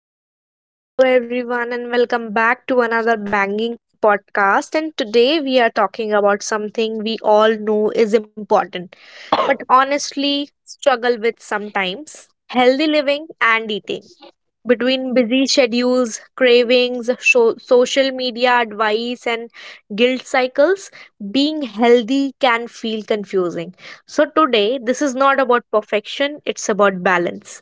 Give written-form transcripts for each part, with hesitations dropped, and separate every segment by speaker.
Speaker 1: Hello, hello, hello, everyone, and welcome back to another banging podcast. And today we are talking about something we all know is important, but honestly struggle with sometimes healthy living and eating. Between busy schedules, cravings, social media advice, and guilt cycles, being healthy can feel confusing. So, today, this is not about perfection, it's about balance.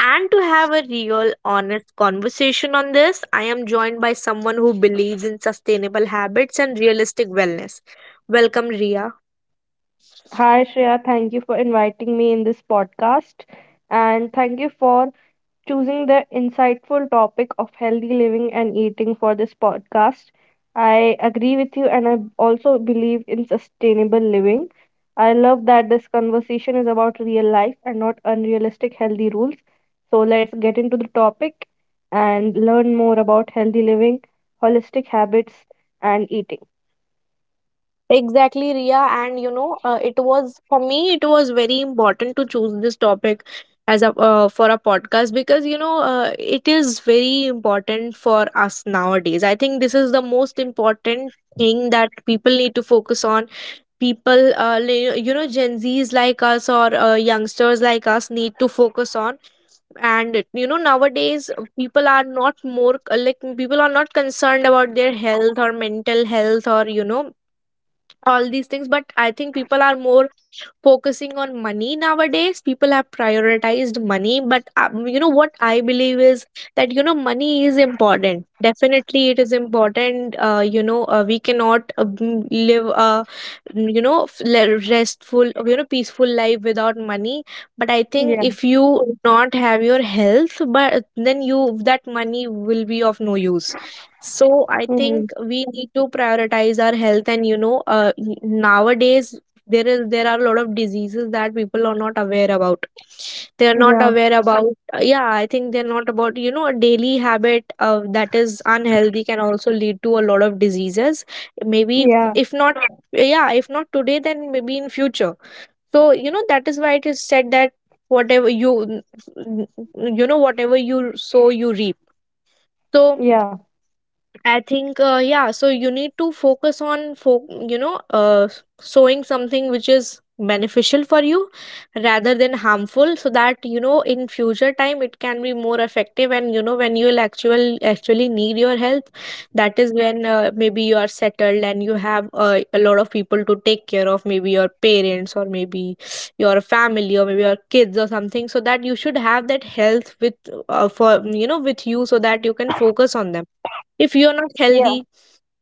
Speaker 1: And to have a real, honest conversation on this, I am joined by someone who believes in sustainable habits and realistic wellness. Welcome, Ria.
Speaker 2: Hi, Shreya. Thank you for inviting me in this podcast. And thank you for choosing the insightful topic of healthy living and eating for this podcast. I agree with you, and I also believe in sustainable living. I love that this conversation is about real life and not unrealistic healthy rules. So let's get into the topic and learn more about healthy living, holistic habits, and eating.
Speaker 1: Exactly, Ria. And you know, it was for me, it was very important to choose this topic as a for a podcast, because you know it is very important for us nowadays. I think this is the most important thing that people need to focus on. People, you know, Gen Zs like us or youngsters like us need to focus on, and you know nowadays people are not more like people are not concerned about their health or mental health or you know all these things, but I think people are more focusing on money nowadays. People have prioritized money, but you know what I believe is that you know money is important, definitely it is important. You know we cannot live a you know restful, you know, peaceful life without money, but I think
Speaker 2: Yeah.
Speaker 1: if you not have your health, but then you that money will be of no use. So I
Speaker 2: Hmm.
Speaker 1: think we need to prioritize our health, and you know, nowadays there are a lot of diseases that people are not aware about. They are not
Speaker 2: Yeah.
Speaker 1: aware about. Yeah, I think they're not about. You know, a daily habit that is unhealthy can also lead to a lot of diseases. Maybe
Speaker 2: Yeah,
Speaker 1: if not, yeah, if not today, then maybe in future. So you know that is why it is said that whatever you you know whatever you sow you reap. So
Speaker 2: yeah,
Speaker 1: I think, yeah, so you need to focus on, you know, sowing something which is beneficial for you rather than harmful, so that you know in future time it can be more effective, and you know when you'll actually need your help, that is when maybe you are settled and you have a lot of people to take care of, maybe your parents or maybe your family or maybe your kids or something, so that you should have that health with for you know with you, so that you can focus on them. If you're not
Speaker 2: yeah.
Speaker 1: healthy,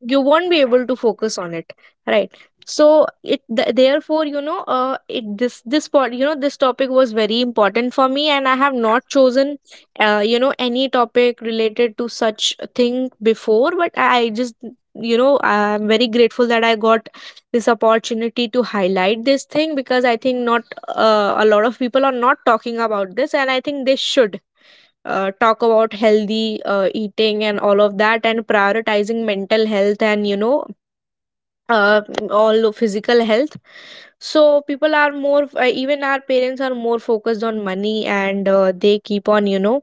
Speaker 1: you won't be able to focus on it, right? So therefore, you know, it this this part, you know, this topic was very important for me, and I have not chosen you know any topic related to such a thing before, but I just you know I'm very grateful that I got this opportunity to highlight this thing, because I think not a lot of people are not talking about this, and I think they should talk about healthy eating and all of that, and prioritizing mental health and you know uh, all physical health. So people are more even our parents are more focused on money, and they keep on you know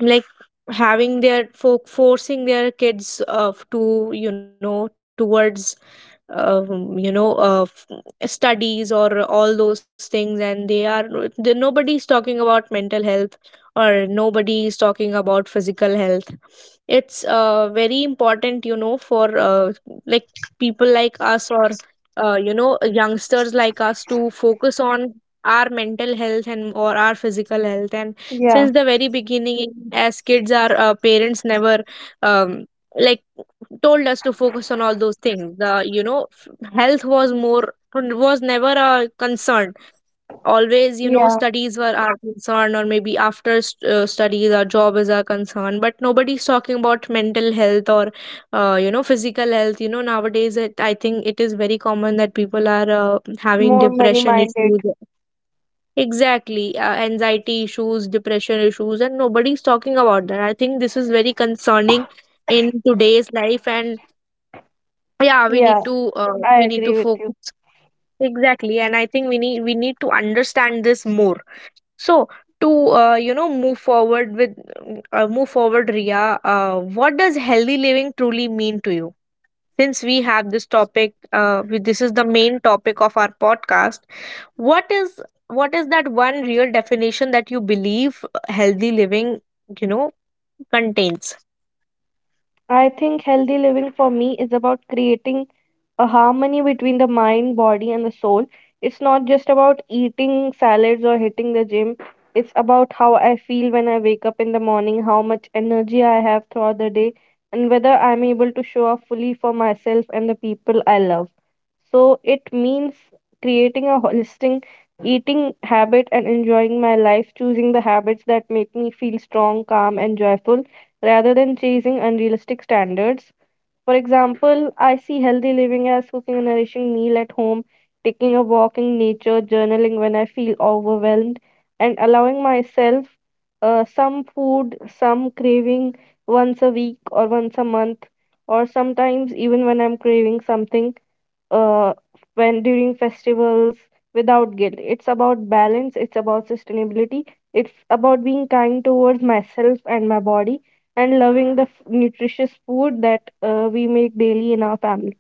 Speaker 1: like having their forcing their kids to you know towards you know studies or all those things, and they are, they, nobody is talking about mental health, or nobody is talking about physical health. It's very important, you know, for like people like us or you know youngsters like us to focus on our mental health and or our physical health, and
Speaker 2: Yeah,
Speaker 1: since the very beginning as kids, our parents never um, like told us to focus on all those things. The you know health was more was never a concern, always
Speaker 2: yeah,
Speaker 1: you know studies were our concern, or maybe after studies our job is our concern, but nobody's talking about mental health or you know physical health. You know nowadays it, I think it is very common that people are
Speaker 2: more
Speaker 1: having
Speaker 2: money
Speaker 1: depression
Speaker 2: minded.
Speaker 1: issues. Exactly, anxiety issues, depression issues, and nobody's talking about that. I think this is very concerning in today's life, and yeah, we
Speaker 2: Yeah,
Speaker 1: need to uh,
Speaker 2: I
Speaker 1: we need
Speaker 2: agree
Speaker 1: to
Speaker 2: with you.
Speaker 1: focus. Exactly. And I think we need to understand this more. So to you know move forward with move forward, Ria. What does healthy living truly mean to you? Since we have this topic, this is the main topic of our podcast. What is that one real definition that you believe healthy living you know contains?
Speaker 2: I think healthy living for me is about creating a harmony between the mind, body, and the soul. It's not just about eating salads or hitting the gym. It's about how I feel when I wake up in the morning, how much energy I have throughout the day, and whether I'm able to show up fully for myself and the people I love. So it means creating a holistic eating habit and enjoying my life, choosing the habits that make me feel strong, calm, and joyful rather than chasing unrealistic standards. For example, I see healthy living as cooking a nourishing meal at home, taking a walk in nature, journaling when I feel overwhelmed, and allowing myself some food, some craving once a week or once a month, or sometimes even when I'm craving something uh, when during festivals without guilt. It's about balance, it's about sustainability, it's about being kind towards myself and my body and loving the nutritious food that we make daily in our family.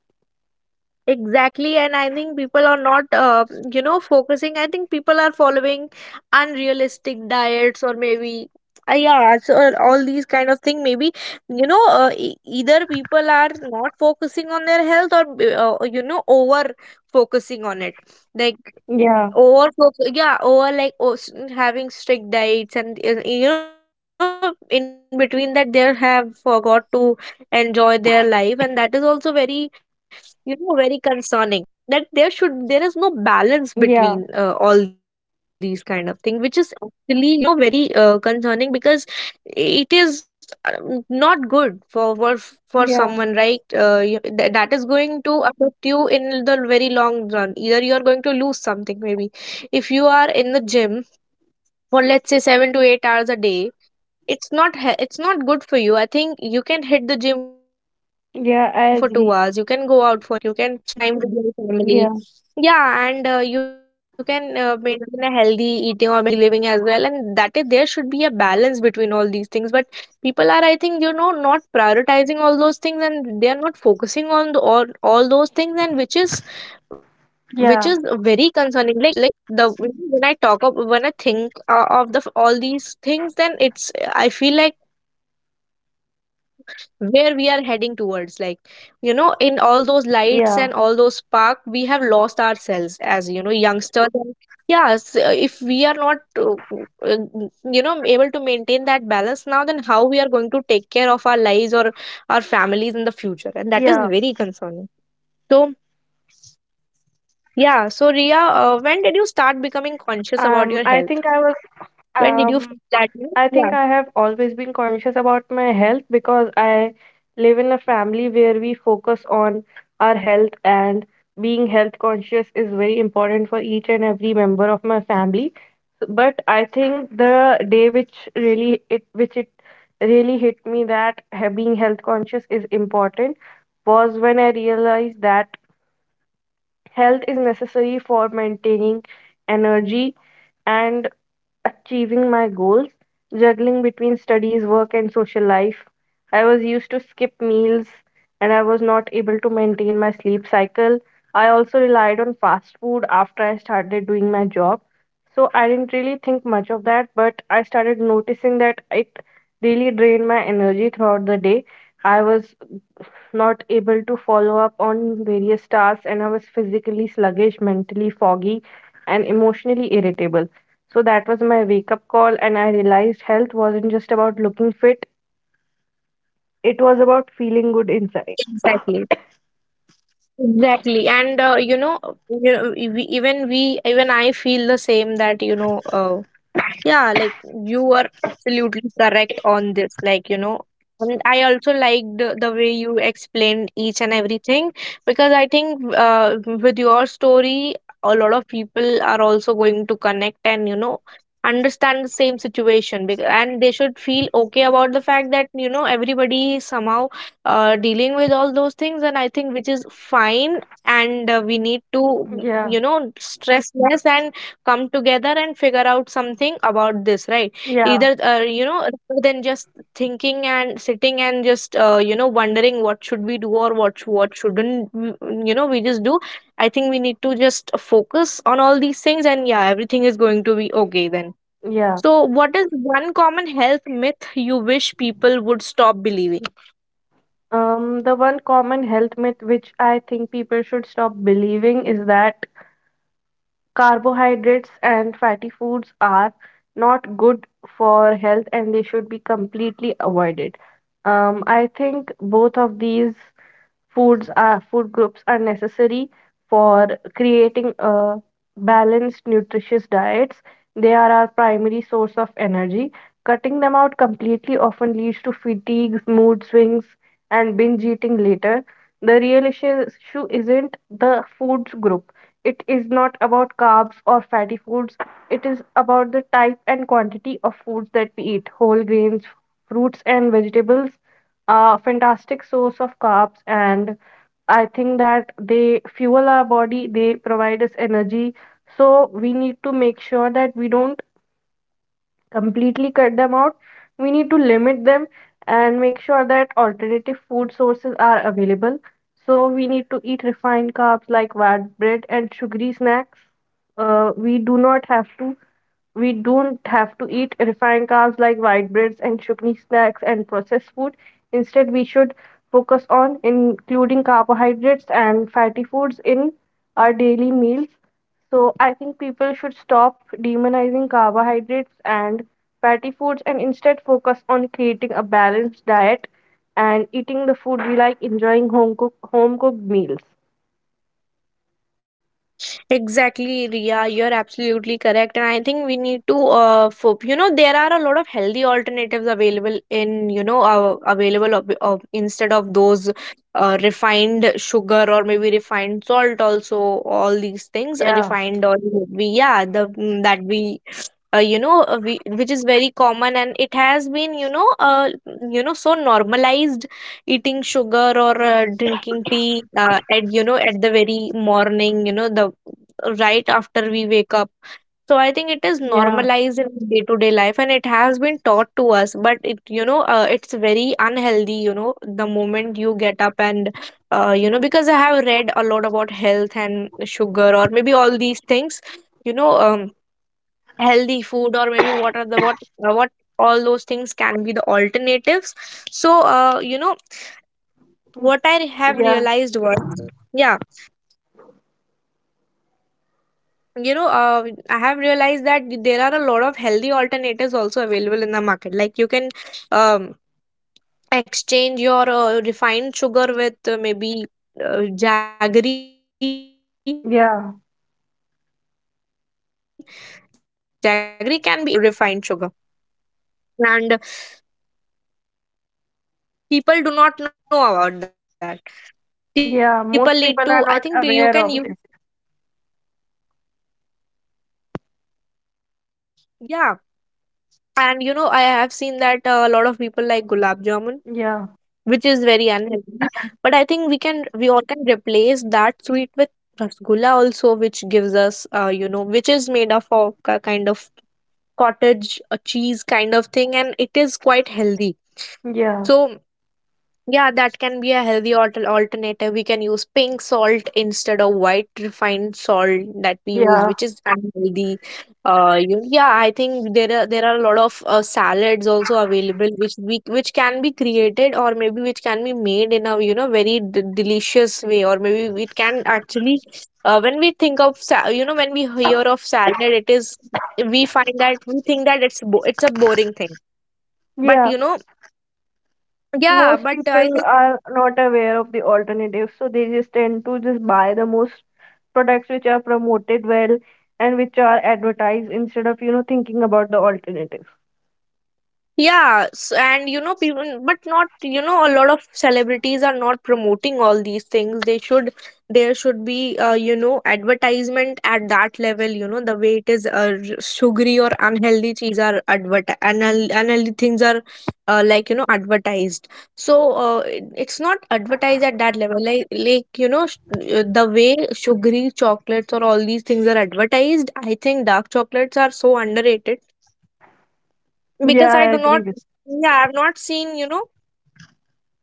Speaker 1: Exactly, and I think people are not you know focusing, I think people are following unrealistic diets or maybe yeah so all these kind of thing, maybe you know either people are not focusing on their health or you know over focusing on it, like
Speaker 2: Yeah,
Speaker 1: yeah over, like, oh, having strict diets, and you know in between that they have forgot to enjoy their life, and that is also very you know very concerning, that there is no balance
Speaker 2: yeah,
Speaker 1: between all these kind of thing, which is actually you know very concerning, because it is not good for for
Speaker 2: yeah,
Speaker 1: someone, right? That is going to affect you in the very long run, either you are going to lose something, maybe if you are in the gym for let's say 7 to 8 hours a day, it's not he- it's not good for you. I think you can hit the gym for 2 hours, you can go
Speaker 2: yeah,
Speaker 1: out
Speaker 2: I
Speaker 1: for your
Speaker 2: agree.
Speaker 1: work, you can spend time with your family,
Speaker 2: Yeah,
Speaker 1: yeah, and you can maintain a healthy eating or a healthy living as well, and that is there should be a balance between all these things. But people are, I think, you know, not prioritizing all those things, and they are not focusing on the, all those things, and which is very
Speaker 2: yeah,
Speaker 1: concerning. Like like the when I talk of when I think of the all these things, then it's I feel like where we are heading towards, like, you know, in all those lights and all those
Speaker 2: yeah,
Speaker 1: spark we have lost ourselves as you know youngsters, and yes if we are not uh, you know able to maintain that balance now, then how we are going to take care of our lives or our families in the future? And
Speaker 2: yeah.
Speaker 1: that is very concerning. So yeah, so Ria, when did you start becoming
Speaker 2: I
Speaker 1: conscious
Speaker 2: think
Speaker 1: about your health?
Speaker 2: um
Speaker 1: When did you
Speaker 2: I
Speaker 1: feel
Speaker 2: think I
Speaker 1: that
Speaker 2: have
Speaker 1: you know,
Speaker 2: always
Speaker 1: yeah,
Speaker 2: been conscious about my health because I live in a family where we focus on our health and being health conscious is very important for each and every member of my family. But I think the day which really it really hit me that being health conscious is important was when I realized that health is necessary for maintaining energy and achieving my goals, juggling between studies, work, and social life. I was used to skip meals and I was not able to maintain my sleep cycle. I also relied on fast food after I started doing my job. So I didn't really think much of that, but I started noticing that it really drained my energy throughout the day. I was not able to follow up on various tasks, and I was physically sluggish, mentally foggy, and emotionally irritable. So that was my wake up call, and I realized health wasn't just about looking fit, it was about feeling good inside.
Speaker 1: exactly. Exactly, and you know, we, even I feel the same that you know, yeah, like you are absolutely correct on this. Like, you know, and I also liked the way you explained each and everything, because I think with your story, a lot of people are also going to connect and, you know, understand the same situation, because, and they should feel okay about the fact that, you know, everybody is somehow dealing with all those things, and I think which is fine, and we need to,
Speaker 2: Yeah,
Speaker 1: you know, stress less and come together and figure out something about this, right?
Speaker 2: yeah,
Speaker 1: Either you know rather than just thinking and sitting and just you know wondering what should we do or what shouldn't you know we just do. I think we need to just focus on all these things, and yeah, everything is going to be okay then.
Speaker 2: yeah.
Speaker 1: So what is one common health myth you wish people would stop believing?
Speaker 2: The one common health myth which I think people should stop believing is that carbohydrates and fatty foods are not good for health and they should be completely avoided. I think both of these food groups are necessary for creating a balanced, nutritious diets. They are our primary source of energy. Cutting them out completely often leads to fatigues, mood swings, and binge eating later. The real issue isn't the foods group. It is not about carbs or fatty foods. It is about the type and quantity of foods that we eat. Whole grains, fruits, and vegetables are a fantastic source of carbs, and I think that they fuel our body, they provide us energy. So we need to make sure that we don't completely cut them out. We need to limit them and make sure that alternative food sources are available. So we need to eat refined carbs like white bread and sugary snacks. Uh, we do not have to we don't have to eat refined carbs like white breads and sugary snacks and processed food. Instead, we should focus on including carbohydrates and fatty foods in our daily meals. So I think people should stop demonizing carbohydrates and fatty foods and instead focus on creating a balanced diet and eating the food we like, enjoying home cooked meals.
Speaker 1: Exactly, Ria. You're absolutely correct, and I think we need to, you know, there are a lot of healthy alternatives available in, you know, available instead of those refined sugar or maybe refined salt. Also, all these things,
Speaker 2: Yeah,
Speaker 1: refined or we yeah, the mm, that we you know we, which is very common and it has been so normalized. Eating sugar or drinking tea at at the very morning, you know, the right after we wake up. So I think it is
Speaker 2: yeah,
Speaker 1: normalized in day to day life and it has been taught to us, but it's very unhealthy, you know, the moment you get up. And you know, because I have read a lot about health and sugar or maybe all these things. you know um Healthy food, or maybe what are the what what, all those things can be the alternatives. So you know,
Speaker 2: mm,
Speaker 1: what I have
Speaker 2: yeah,
Speaker 1: realized was, yeah, you know uh, I have realized that there are a lot of healthy alternatives also available in the market. Like, you can um, exchange your refined sugar with maybe jaggery. Jaggery can be, it's not too
Speaker 2: yeah,
Speaker 1: health, like very healthy, but I think it's, I think it's better than refined sugar. And people do not know about that. People need to,
Speaker 2: yeah.
Speaker 1: I
Speaker 2: Most
Speaker 1: think
Speaker 2: people
Speaker 1: you
Speaker 2: are
Speaker 1: can
Speaker 2: not
Speaker 1: use.
Speaker 2: aware of this.
Speaker 1: Yeah, and you know, I have seen that a lot of people like gulab jamun,
Speaker 2: Yeah,
Speaker 1: which is very unhealthy, but I think we can, we all can replace that sweet with rasgulla also, which gives us which is made of a kind of cottage, a cheese kind of thing, and it is quite healthy.
Speaker 2: yeah,
Speaker 1: So, yeah, that can be a healthy alternative. We can use pink salt instead of white refined salt that we use,
Speaker 2: yeah,
Speaker 1: which is unhealthy. Yeah, I think there are a lot of salads also available, which we, which can be created, or maybe which can be made in a, you know, very delicious way, or maybe it can actually. When we think of you know, when we hear of salad, it is, we find that we think that it's a boring thing, but
Speaker 2: yeah.
Speaker 1: you know, yeah,
Speaker 2: Most
Speaker 1: but I.
Speaker 2: people are not aware of the alternatives, so they just tend to just buy the most products which are promoted well and which are advertised instead of thinking about the alternative.
Speaker 1: Yeah, s and you know, people, but not, you know, a lot of celebrities are not promoting all these things. They should, there should be, you know, advertisement at that level, you know, the way it is, sugary or unhealthy cheese are unhealthy things are like, you know, advertised. So, it's not advertised at that level. Like, you know, the way sugary chocolates or all these things are advertised, I think dark chocolates are so underrated
Speaker 2: Yeah
Speaker 1: because I
Speaker 2: I
Speaker 1: do not,
Speaker 2: agree with
Speaker 1: yeah, I've not seen, you know,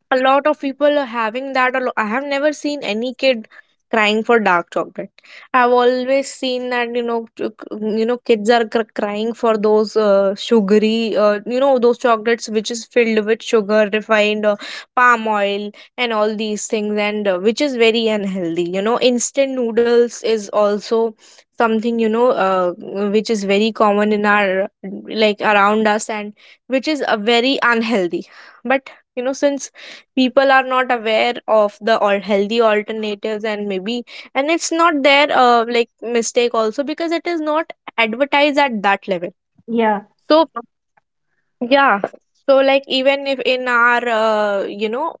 Speaker 1: a lot of people are having that. I have never seen any kid crying for dark chocolate. I've always seen that, you know, you know, kids are crying for those sugary you know, those chocolates which is filled with sugar, refined palm oil and all these things. And which is very unhealthy, you know, instant noodles is also something, you know, which is very common in our, like, around us, and which is a very unhealthy. But you know, since people are not aware of the all healthy alternatives, and maybe, and it's not their like, mistake also, because it is not advertised at that level.
Speaker 2: yeah
Speaker 1: So, yeah. So, like, even if in our you know,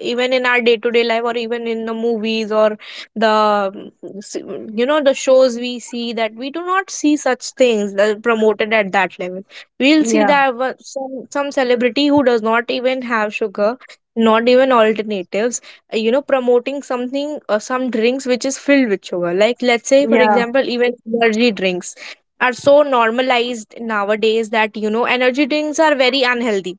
Speaker 1: even in our day to day life, or even in the movies, or the s- you know, the shows we see, that we do not see such things that are promoted at that level. We'll see
Speaker 2: yeah
Speaker 1: that some some celebrity who does not even have sugar, not even alternatives, you know, promoting something, some drinks which is filled with sugar. Like, let's say, for
Speaker 2: yeah
Speaker 1: example, even energy drinks are so normalized nowadays that, you know, energy drinks are very unhealthy.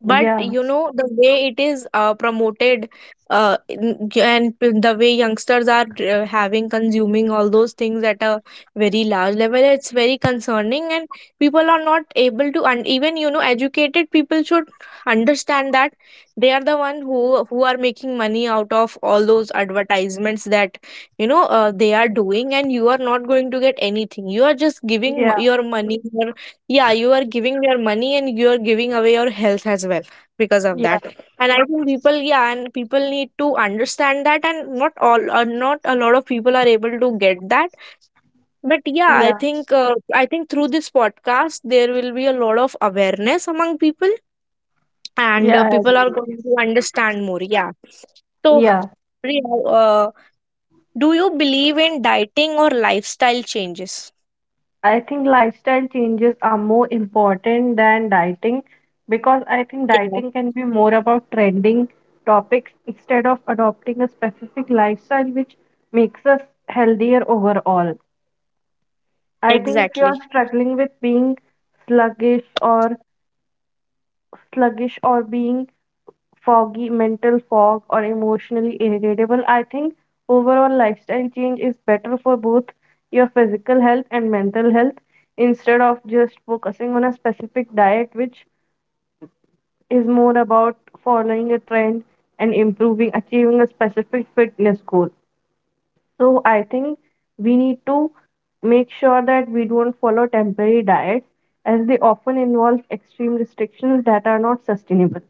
Speaker 1: But
Speaker 2: yeah
Speaker 1: you know, the way it is promoted, the way youngsters are having consuming all those things at a very large level, it's very concerning. And people are not able to, and even, you know, educated people should understand that they are the one who are making money out of all those advertisements that, you know, they are doing. And you are not going to get anything, you are just giving
Speaker 2: yeah
Speaker 1: your money, your, yeah, you are giving your money, and you are giving away your health as well, because of
Speaker 2: yeah
Speaker 1: that. And I think people, yeah, and people need to understand that, and not all not a lot of people are able to get that. But yeah, i
Speaker 2: yeah
Speaker 1: think uh, i think through this podcast, there will be a lot of awareness among people, and
Speaker 2: yeah I
Speaker 1: people
Speaker 2: agree
Speaker 1: are going
Speaker 2: with
Speaker 1: to understand more. Yeah. So,
Speaker 2: yeah
Speaker 1: Priya, do you believe in dieting or lifestyle changes?
Speaker 2: I think lifestyle changes are more important than dieting because I think
Speaker 1: Yeah,
Speaker 2: dieting can be more about trending topics instead of adopting a specific lifestyle which makes us healthier overall. I think
Speaker 1: exactly.
Speaker 2: if you are struggling with being sluggish or sluggish or being foggy, mental fog, or emotionally irritable. I think overall lifestyle change is better for both your physical health and mental health instead of just focusing on a specific diet, which is more about following a trend and improving, achieving a specific fitness goal. So I think we need to make sure that we don't follow temporary diets as they often involve extreme restrictions that are not sustainable.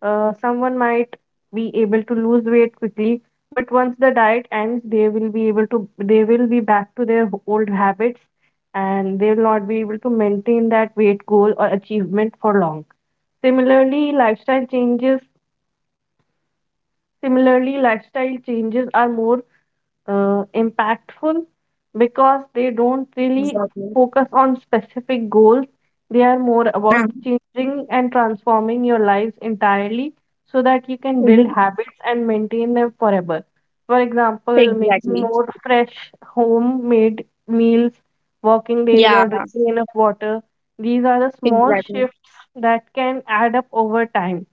Speaker 2: Someone might be able to lose weight quickly, but once the diet ends, they will be back to their old habits and they will not be able to maintain that weight goal or achievement for long. Similarly, lifestyle changes Similarly, lifestyle changes are more impactful because they don't really
Speaker 1: Exactly.
Speaker 2: focus on specific goals. They are more
Speaker 1: Yeah.
Speaker 2: about changing and transforming your lives entirely so that you can build
Speaker 1: Mhm.
Speaker 2: habits and maintain them forever. For example, making
Speaker 1: Exactly.
Speaker 2: more fresh homemade meals, walking daily,
Speaker 1: Yeah,
Speaker 2: or drinking enough water. These are the small
Speaker 1: exactly.
Speaker 2: shifts that can add up over time.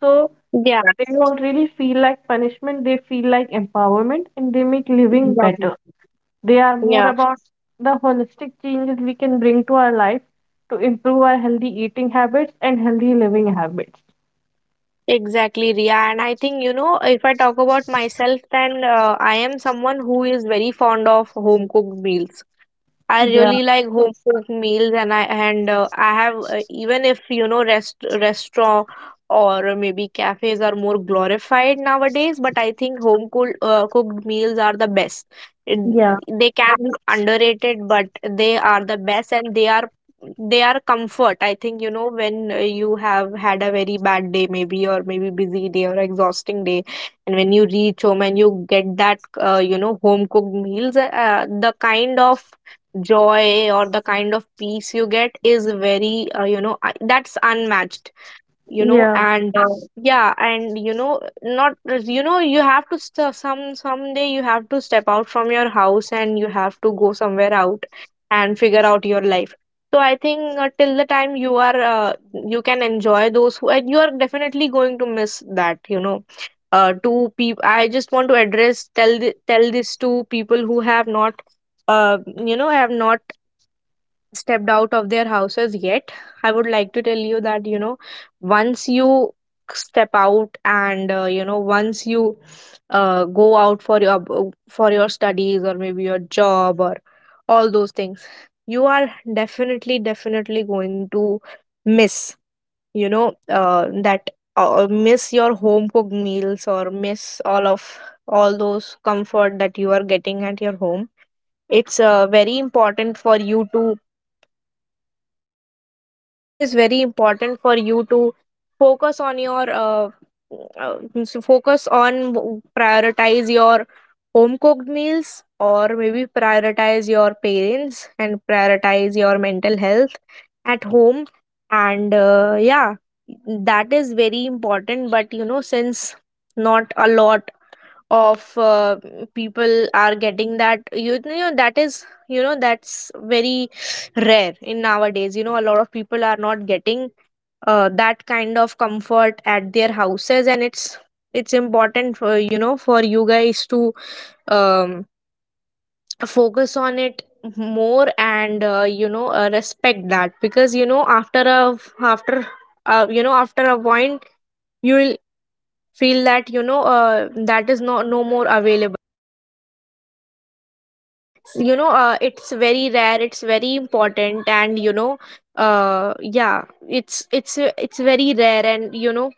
Speaker 2: So,
Speaker 1: Yeah,
Speaker 2: they don't really feel like punishment, they feel like empowerment and they make living
Speaker 1: exactly.
Speaker 2: better. They are more
Speaker 1: Yeah,
Speaker 2: about the holistic changes we can bring to our life to improve our healthy eating habits and healthy living habits.
Speaker 1: exactly, Ria. And I think, you know, if I talk about myself, then I am someone who is very fond of home cooked meals. I
Speaker 2: Yeah,
Speaker 1: really like home cooked meals, and I have even if, you know, restaurant or maybe cafes are more glorified nowadays, but I think home cooked cooked meals are the best. It,
Speaker 2: yeah,
Speaker 1: they can be underrated, but they are the best, and they are, they are comfort. I think, you know, when you have had a very bad day, maybe, or maybe busy day or exhausting day, and when you reach home and you get that you know, home cooked meals, the kind of joy or the kind of peace you get is very you know, that's unmatched, you know.
Speaker 2: yeah.
Speaker 1: And yeah, and you know, not, you know, you have to some, someday you have to step out from your house, and you have to go somewhere out and figure out your life. So I think till the time you are you can enjoy those who, and you are definitely going to miss that, you know, To people, I just want to address, tell tell this to people who have not uh, have not stepped out of their houses yet. I would like to tell you that, you know, once you step out, and you know, once you go out for your, for your studies, or maybe your job, or all those things, you are definitely, definitely going to miss, you know, that miss your home cooked meals, or miss all of, all those comfort that you are getting at your home. It's very important for you to, it is very important for you to focus on your means focus on, prioritize your home cooked meals, or maybe prioritize your parents, and prioritize your mental health at home. And yeah, that is very important. But you know, since not a lot of people are getting that, you know, that is, you know, that's very rare in nowadays. You know, a lot of people are not getting that kind of comfort at their houses, and it's important for, you know, for you guys to um, focus on it more. And respect that, because you know, after a, after you know, after a point, you will feel that, you know, that is no, no more available. You know, it's very rare, it's very important. And you know, yeah, it's very rare, and you know,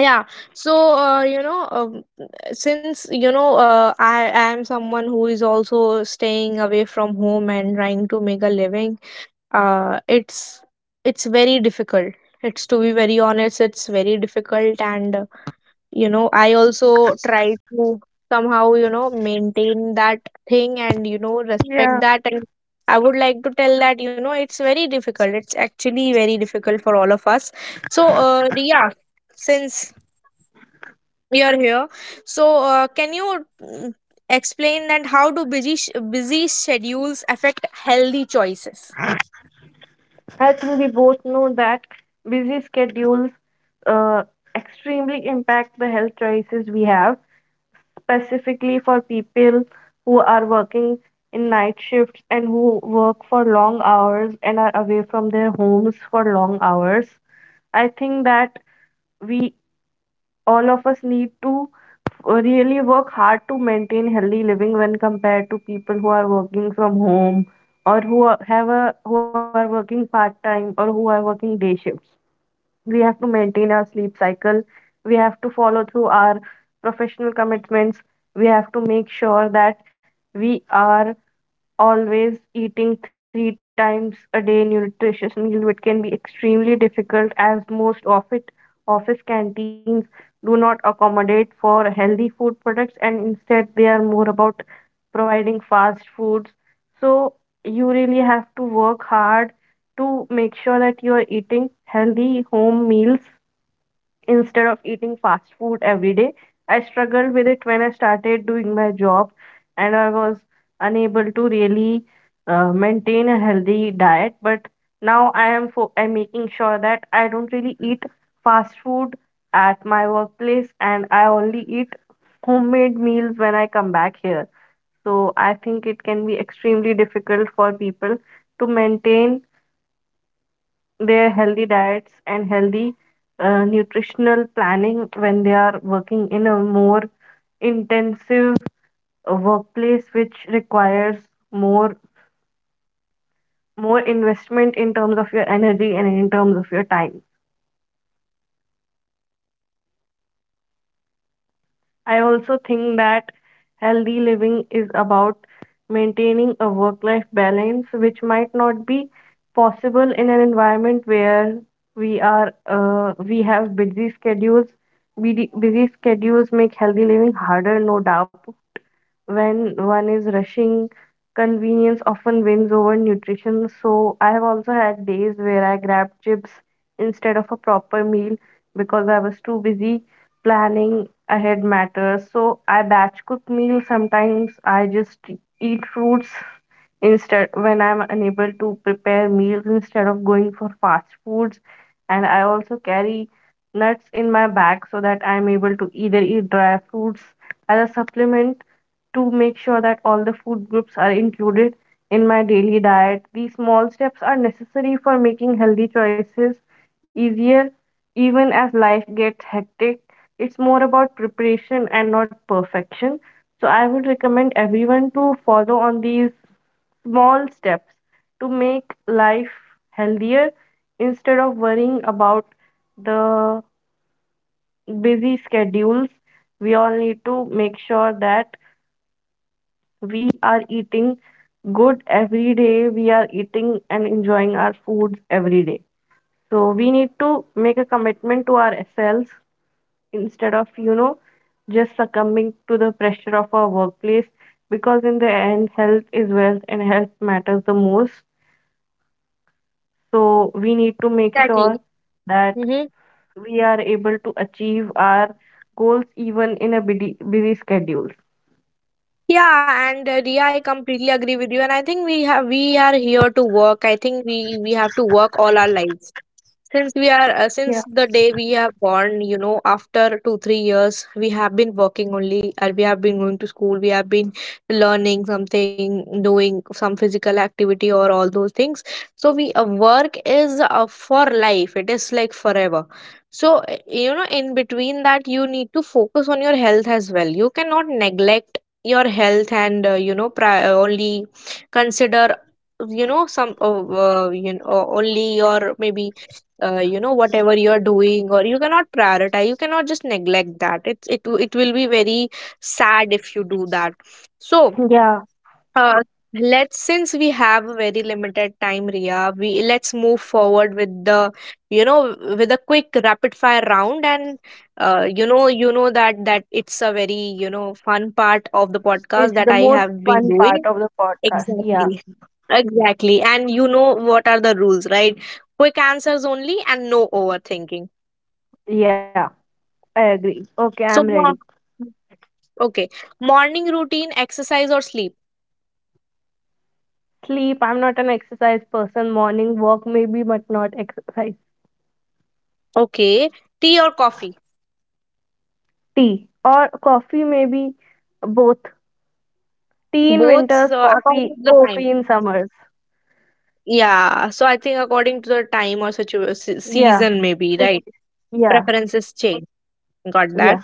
Speaker 1: yeah. So you know, since you know, I am someone who is also staying away from home and trying to make a living. uh it's it's very difficult. It's, to be very honest, it's very difficult. And you know, I also try to somehow, you know, maintain that thing, and you know, respect
Speaker 2: Yeah,
Speaker 1: that. And I would like to tell that, you know, it's very difficult, it's actually very difficult for all of us. So yeah. Since you're here, so can you, explain that, how do busy busy schedules affect healthy choices?
Speaker 2: I think we both know that busy schedules uh, extremely impact the health choices we have, specifically for people who are working in night shifts and who work for long hours and are away from their homes for long hours. I think that we all of us need to really work hard to maintain healthy living when compared to people who are working from home or who are, have a who are working part time or who are working day shifts. We have to maintain our sleep cycle. We have to follow through our professional commitments. We have to make sure that we are always eating three times a day nutritious meal which can be extremely difficult as most office canteens do not accommodate for healthy food products and instead they are more about providing fast foods. So you really have to work hard to make sure that you are eating healthy home meals instead of eating fast food every day. I struggled with it when I started doing my job and I was unable to really maintain a healthy diet. But now I'm making sure that I don't really eat fast food at my workplace and I only eat homemade meals when I come back here. So I think it can be extremely difficult for people to maintain their healthy diets and healthy nutritional planning when they are working in a more intensive workplace which requires more more investment in terms of your energy and in terms of your time. I also think that healthy living is about maintaining a work life balance, which might not be possible in an environment where we have busy schedules. Busy schedules make healthy living harder, no doubt. When one is rushing, convenience often wins over nutrition. So I have also had days where I grabbed chips instead of a proper meal because I was too busy. Planning ahead matters. So I batch cook meals. Sometimes I just eat fruits instead when I'm unable to prepare meals instead of going for fast foods, and I also carry nuts in my bag so that I'm able to either eat dry fruits as a supplement to make sure that all the food groups are included in my daily diet. These small steps are necessary for making healthy choices easier even as life gets hectic. It's more about preparation and not perfection. So I would recommend everyone to follow on these small steps to make life healthier instead of worrying about the busy schedules. We all need to make sure that we are eating good every day, we are eating and enjoying our foods every day. So we need to make a commitment to ourselves instead of just succumbing to the pressure of our workplace, because in the end health is wealth and health matters the most. So we need to make sure
Speaker 1: Exactly.
Speaker 2: that we are able to achieve our goals even in a busy schedule.
Speaker 1: Yeah, and Ria, I completely agree with you, and I think we have, we are here to work. I think we have to work all our lives. Since we are, since
Speaker 2: Yeah,
Speaker 1: the day we have born, you know, after two, 3 years, we have been working only, and we have been going to school, we have been learning something, doing some physical activity or all those things. So we, work is for life. It is like forever. So you know, in between that, you need to focus on your health as well. You cannot neglect your health, and you know, only consider, you know, some you know, only, or maybe you know, whatever you are doing, or you cannot prioritize, you cannot just neglect that. It's, it will be very sad if you do that. So
Speaker 2: yeah.
Speaker 1: uh, let's, since we have a very limited time, Ria, we, let's move forward with the, you know, with a quick rapid fire round. And you know, you know that, that it's a very, you know, fun part of the podcast
Speaker 2: It's
Speaker 1: that
Speaker 2: the
Speaker 1: I
Speaker 2: most
Speaker 1: have been
Speaker 2: fun
Speaker 1: doing.
Speaker 2: part of the podcast. Yeah,
Speaker 1: Exactly. Exactly. And you know what are the rules, right? Quick answers only and no overthinking.
Speaker 2: yeah, I agree. Okay, I'm
Speaker 1: So,
Speaker 2: ready.
Speaker 1: okay. Morning routine, exercise or sleep?
Speaker 2: Sleep. I'm not an exercise person. Morning walk, maybe, but not exercise.
Speaker 1: Okay. Tea or coffee?
Speaker 2: Tea or coffee, maybe both. Tea in
Speaker 1: Both,
Speaker 2: winters,
Speaker 1: so according
Speaker 2: coffee,
Speaker 1: to the time.
Speaker 2: coffee in summers.
Speaker 1: Yeah. So, I think according to the time or
Speaker 2: Yeah,
Speaker 1: season, maybe,
Speaker 2: it
Speaker 1: right?
Speaker 2: is. Yeah.
Speaker 1: Preferences change. Got
Speaker 2: Yeah.
Speaker 1: that.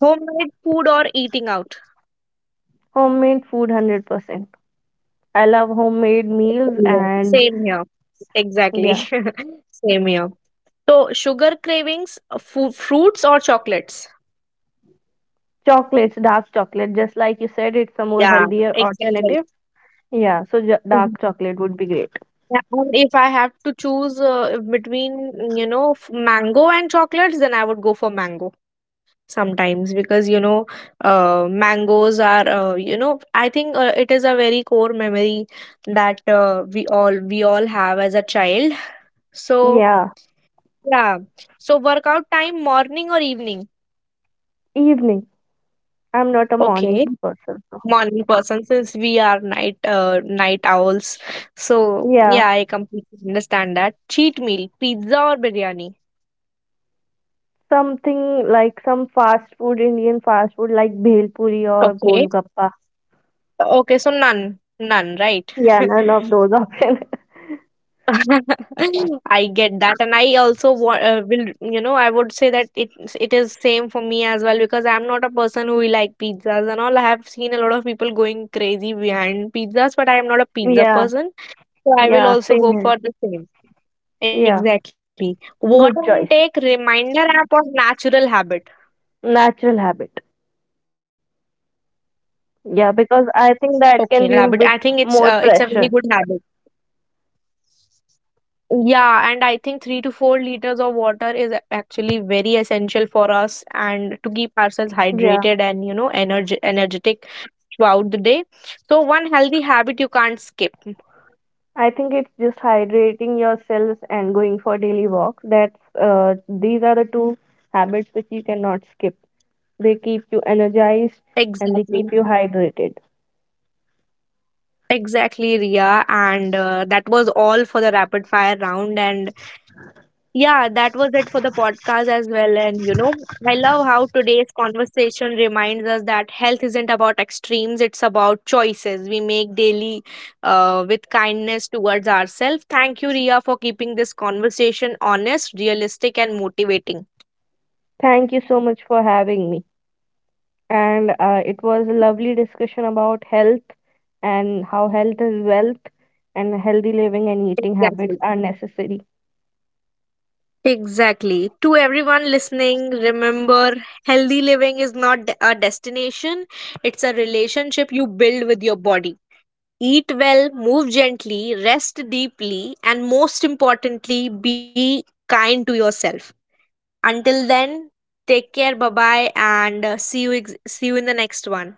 Speaker 1: Homemade food or eating out?
Speaker 2: Homemade food, 100%. I love homemade meals
Speaker 1: Yeah,
Speaker 2: and
Speaker 1: same here. Exactly.
Speaker 2: yeah,
Speaker 1: Same here. So, sugar cravings, fruits or chocolates?
Speaker 2: chocolates, dark chocolate. Just like you said, it's a more
Speaker 1: Yeah,
Speaker 2: healthier
Speaker 1: exactly.
Speaker 2: alternative. Yeah, so dark
Speaker 1: Exactly.
Speaker 2: chocolate would be great.
Speaker 1: Yeah, and if I have to choose between, you know, mango and chocolates, then I would go for mango sometimes because, you know, mangoes are, you know, I think it is a very core memory that we all have as a child. So,
Speaker 2: Yeah,
Speaker 1: yeah. So, workout time, morning or evening?
Speaker 2: evening. I'm not a
Speaker 1: Okay.
Speaker 2: morning person. So.
Speaker 1: Morning person, since we are night night owls. So
Speaker 2: Yeah,
Speaker 1: yeah, I completely understand that. Cheat meal, pizza or biryani?
Speaker 2: something like some fast food, Indian fast food like bhel puri or
Speaker 1: Okay,
Speaker 2: golgappa.
Speaker 1: okay, so none, none, right?
Speaker 2: Yeah, none of those options.
Speaker 1: I get that. And I also will, you know, I would say that it is same for me as well, because I'm not a person who will like pizzas and all. I have seen a lot of people going crazy behind pizzas, but I am not a pizza
Speaker 2: Yeah,
Speaker 1: person. So I will
Speaker 2: yeah,
Speaker 1: also
Speaker 2: same
Speaker 1: go for
Speaker 2: here.
Speaker 1: the same.
Speaker 2: Yeah,
Speaker 1: Exactly. Water
Speaker 2: good choice.
Speaker 1: intake, reminder app or natural habit?
Speaker 2: Natural habit.
Speaker 1: Okay,
Speaker 2: Yeah,
Speaker 1: natural
Speaker 2: because
Speaker 1: habit. I
Speaker 2: I
Speaker 1: think
Speaker 2: think that can
Speaker 1: it's
Speaker 2: be
Speaker 1: a
Speaker 2: a
Speaker 1: very
Speaker 2: bit
Speaker 1: good habit.
Speaker 2: more pressure.
Speaker 1: Yeah, and I think 3 to 4 liters of water is actually very essential for us, and to keep ourselves
Speaker 2: Yeah.
Speaker 1: hydrated and, you know, energy energetic throughout the day. So, one healthy habit you can't skip?
Speaker 2: I think it's just hydrating yourself and going for daily walks. That's These are the two habits which you cannot skip. They keep you energized and they keep
Speaker 1: Exactly.
Speaker 2: you hydrated.
Speaker 1: Exactly, Ria. And that was all for the rapid fire round. And yeah, that was it for the podcast as well. And you know, I love how today's conversation reminds us that health isn't about extremes, it's about choices we make daily with kindness towards ourselves. Thank you, Ria, for keeping this conversation honest, realistic, and motivating.
Speaker 2: Thank you so much for having me. And it was a lovely discussion about health and how health is wealth and healthy living and eating habits
Speaker 1: Exactly.
Speaker 2: are necessary.
Speaker 1: Exactly. To everyone listening, remember, healthy living is not a destination, it's a relationship you build with your body. Eat well, move gently, rest deeply, and most importantly, be kind to yourself. Until then, take care. Bye bye, and see you see you in the next one.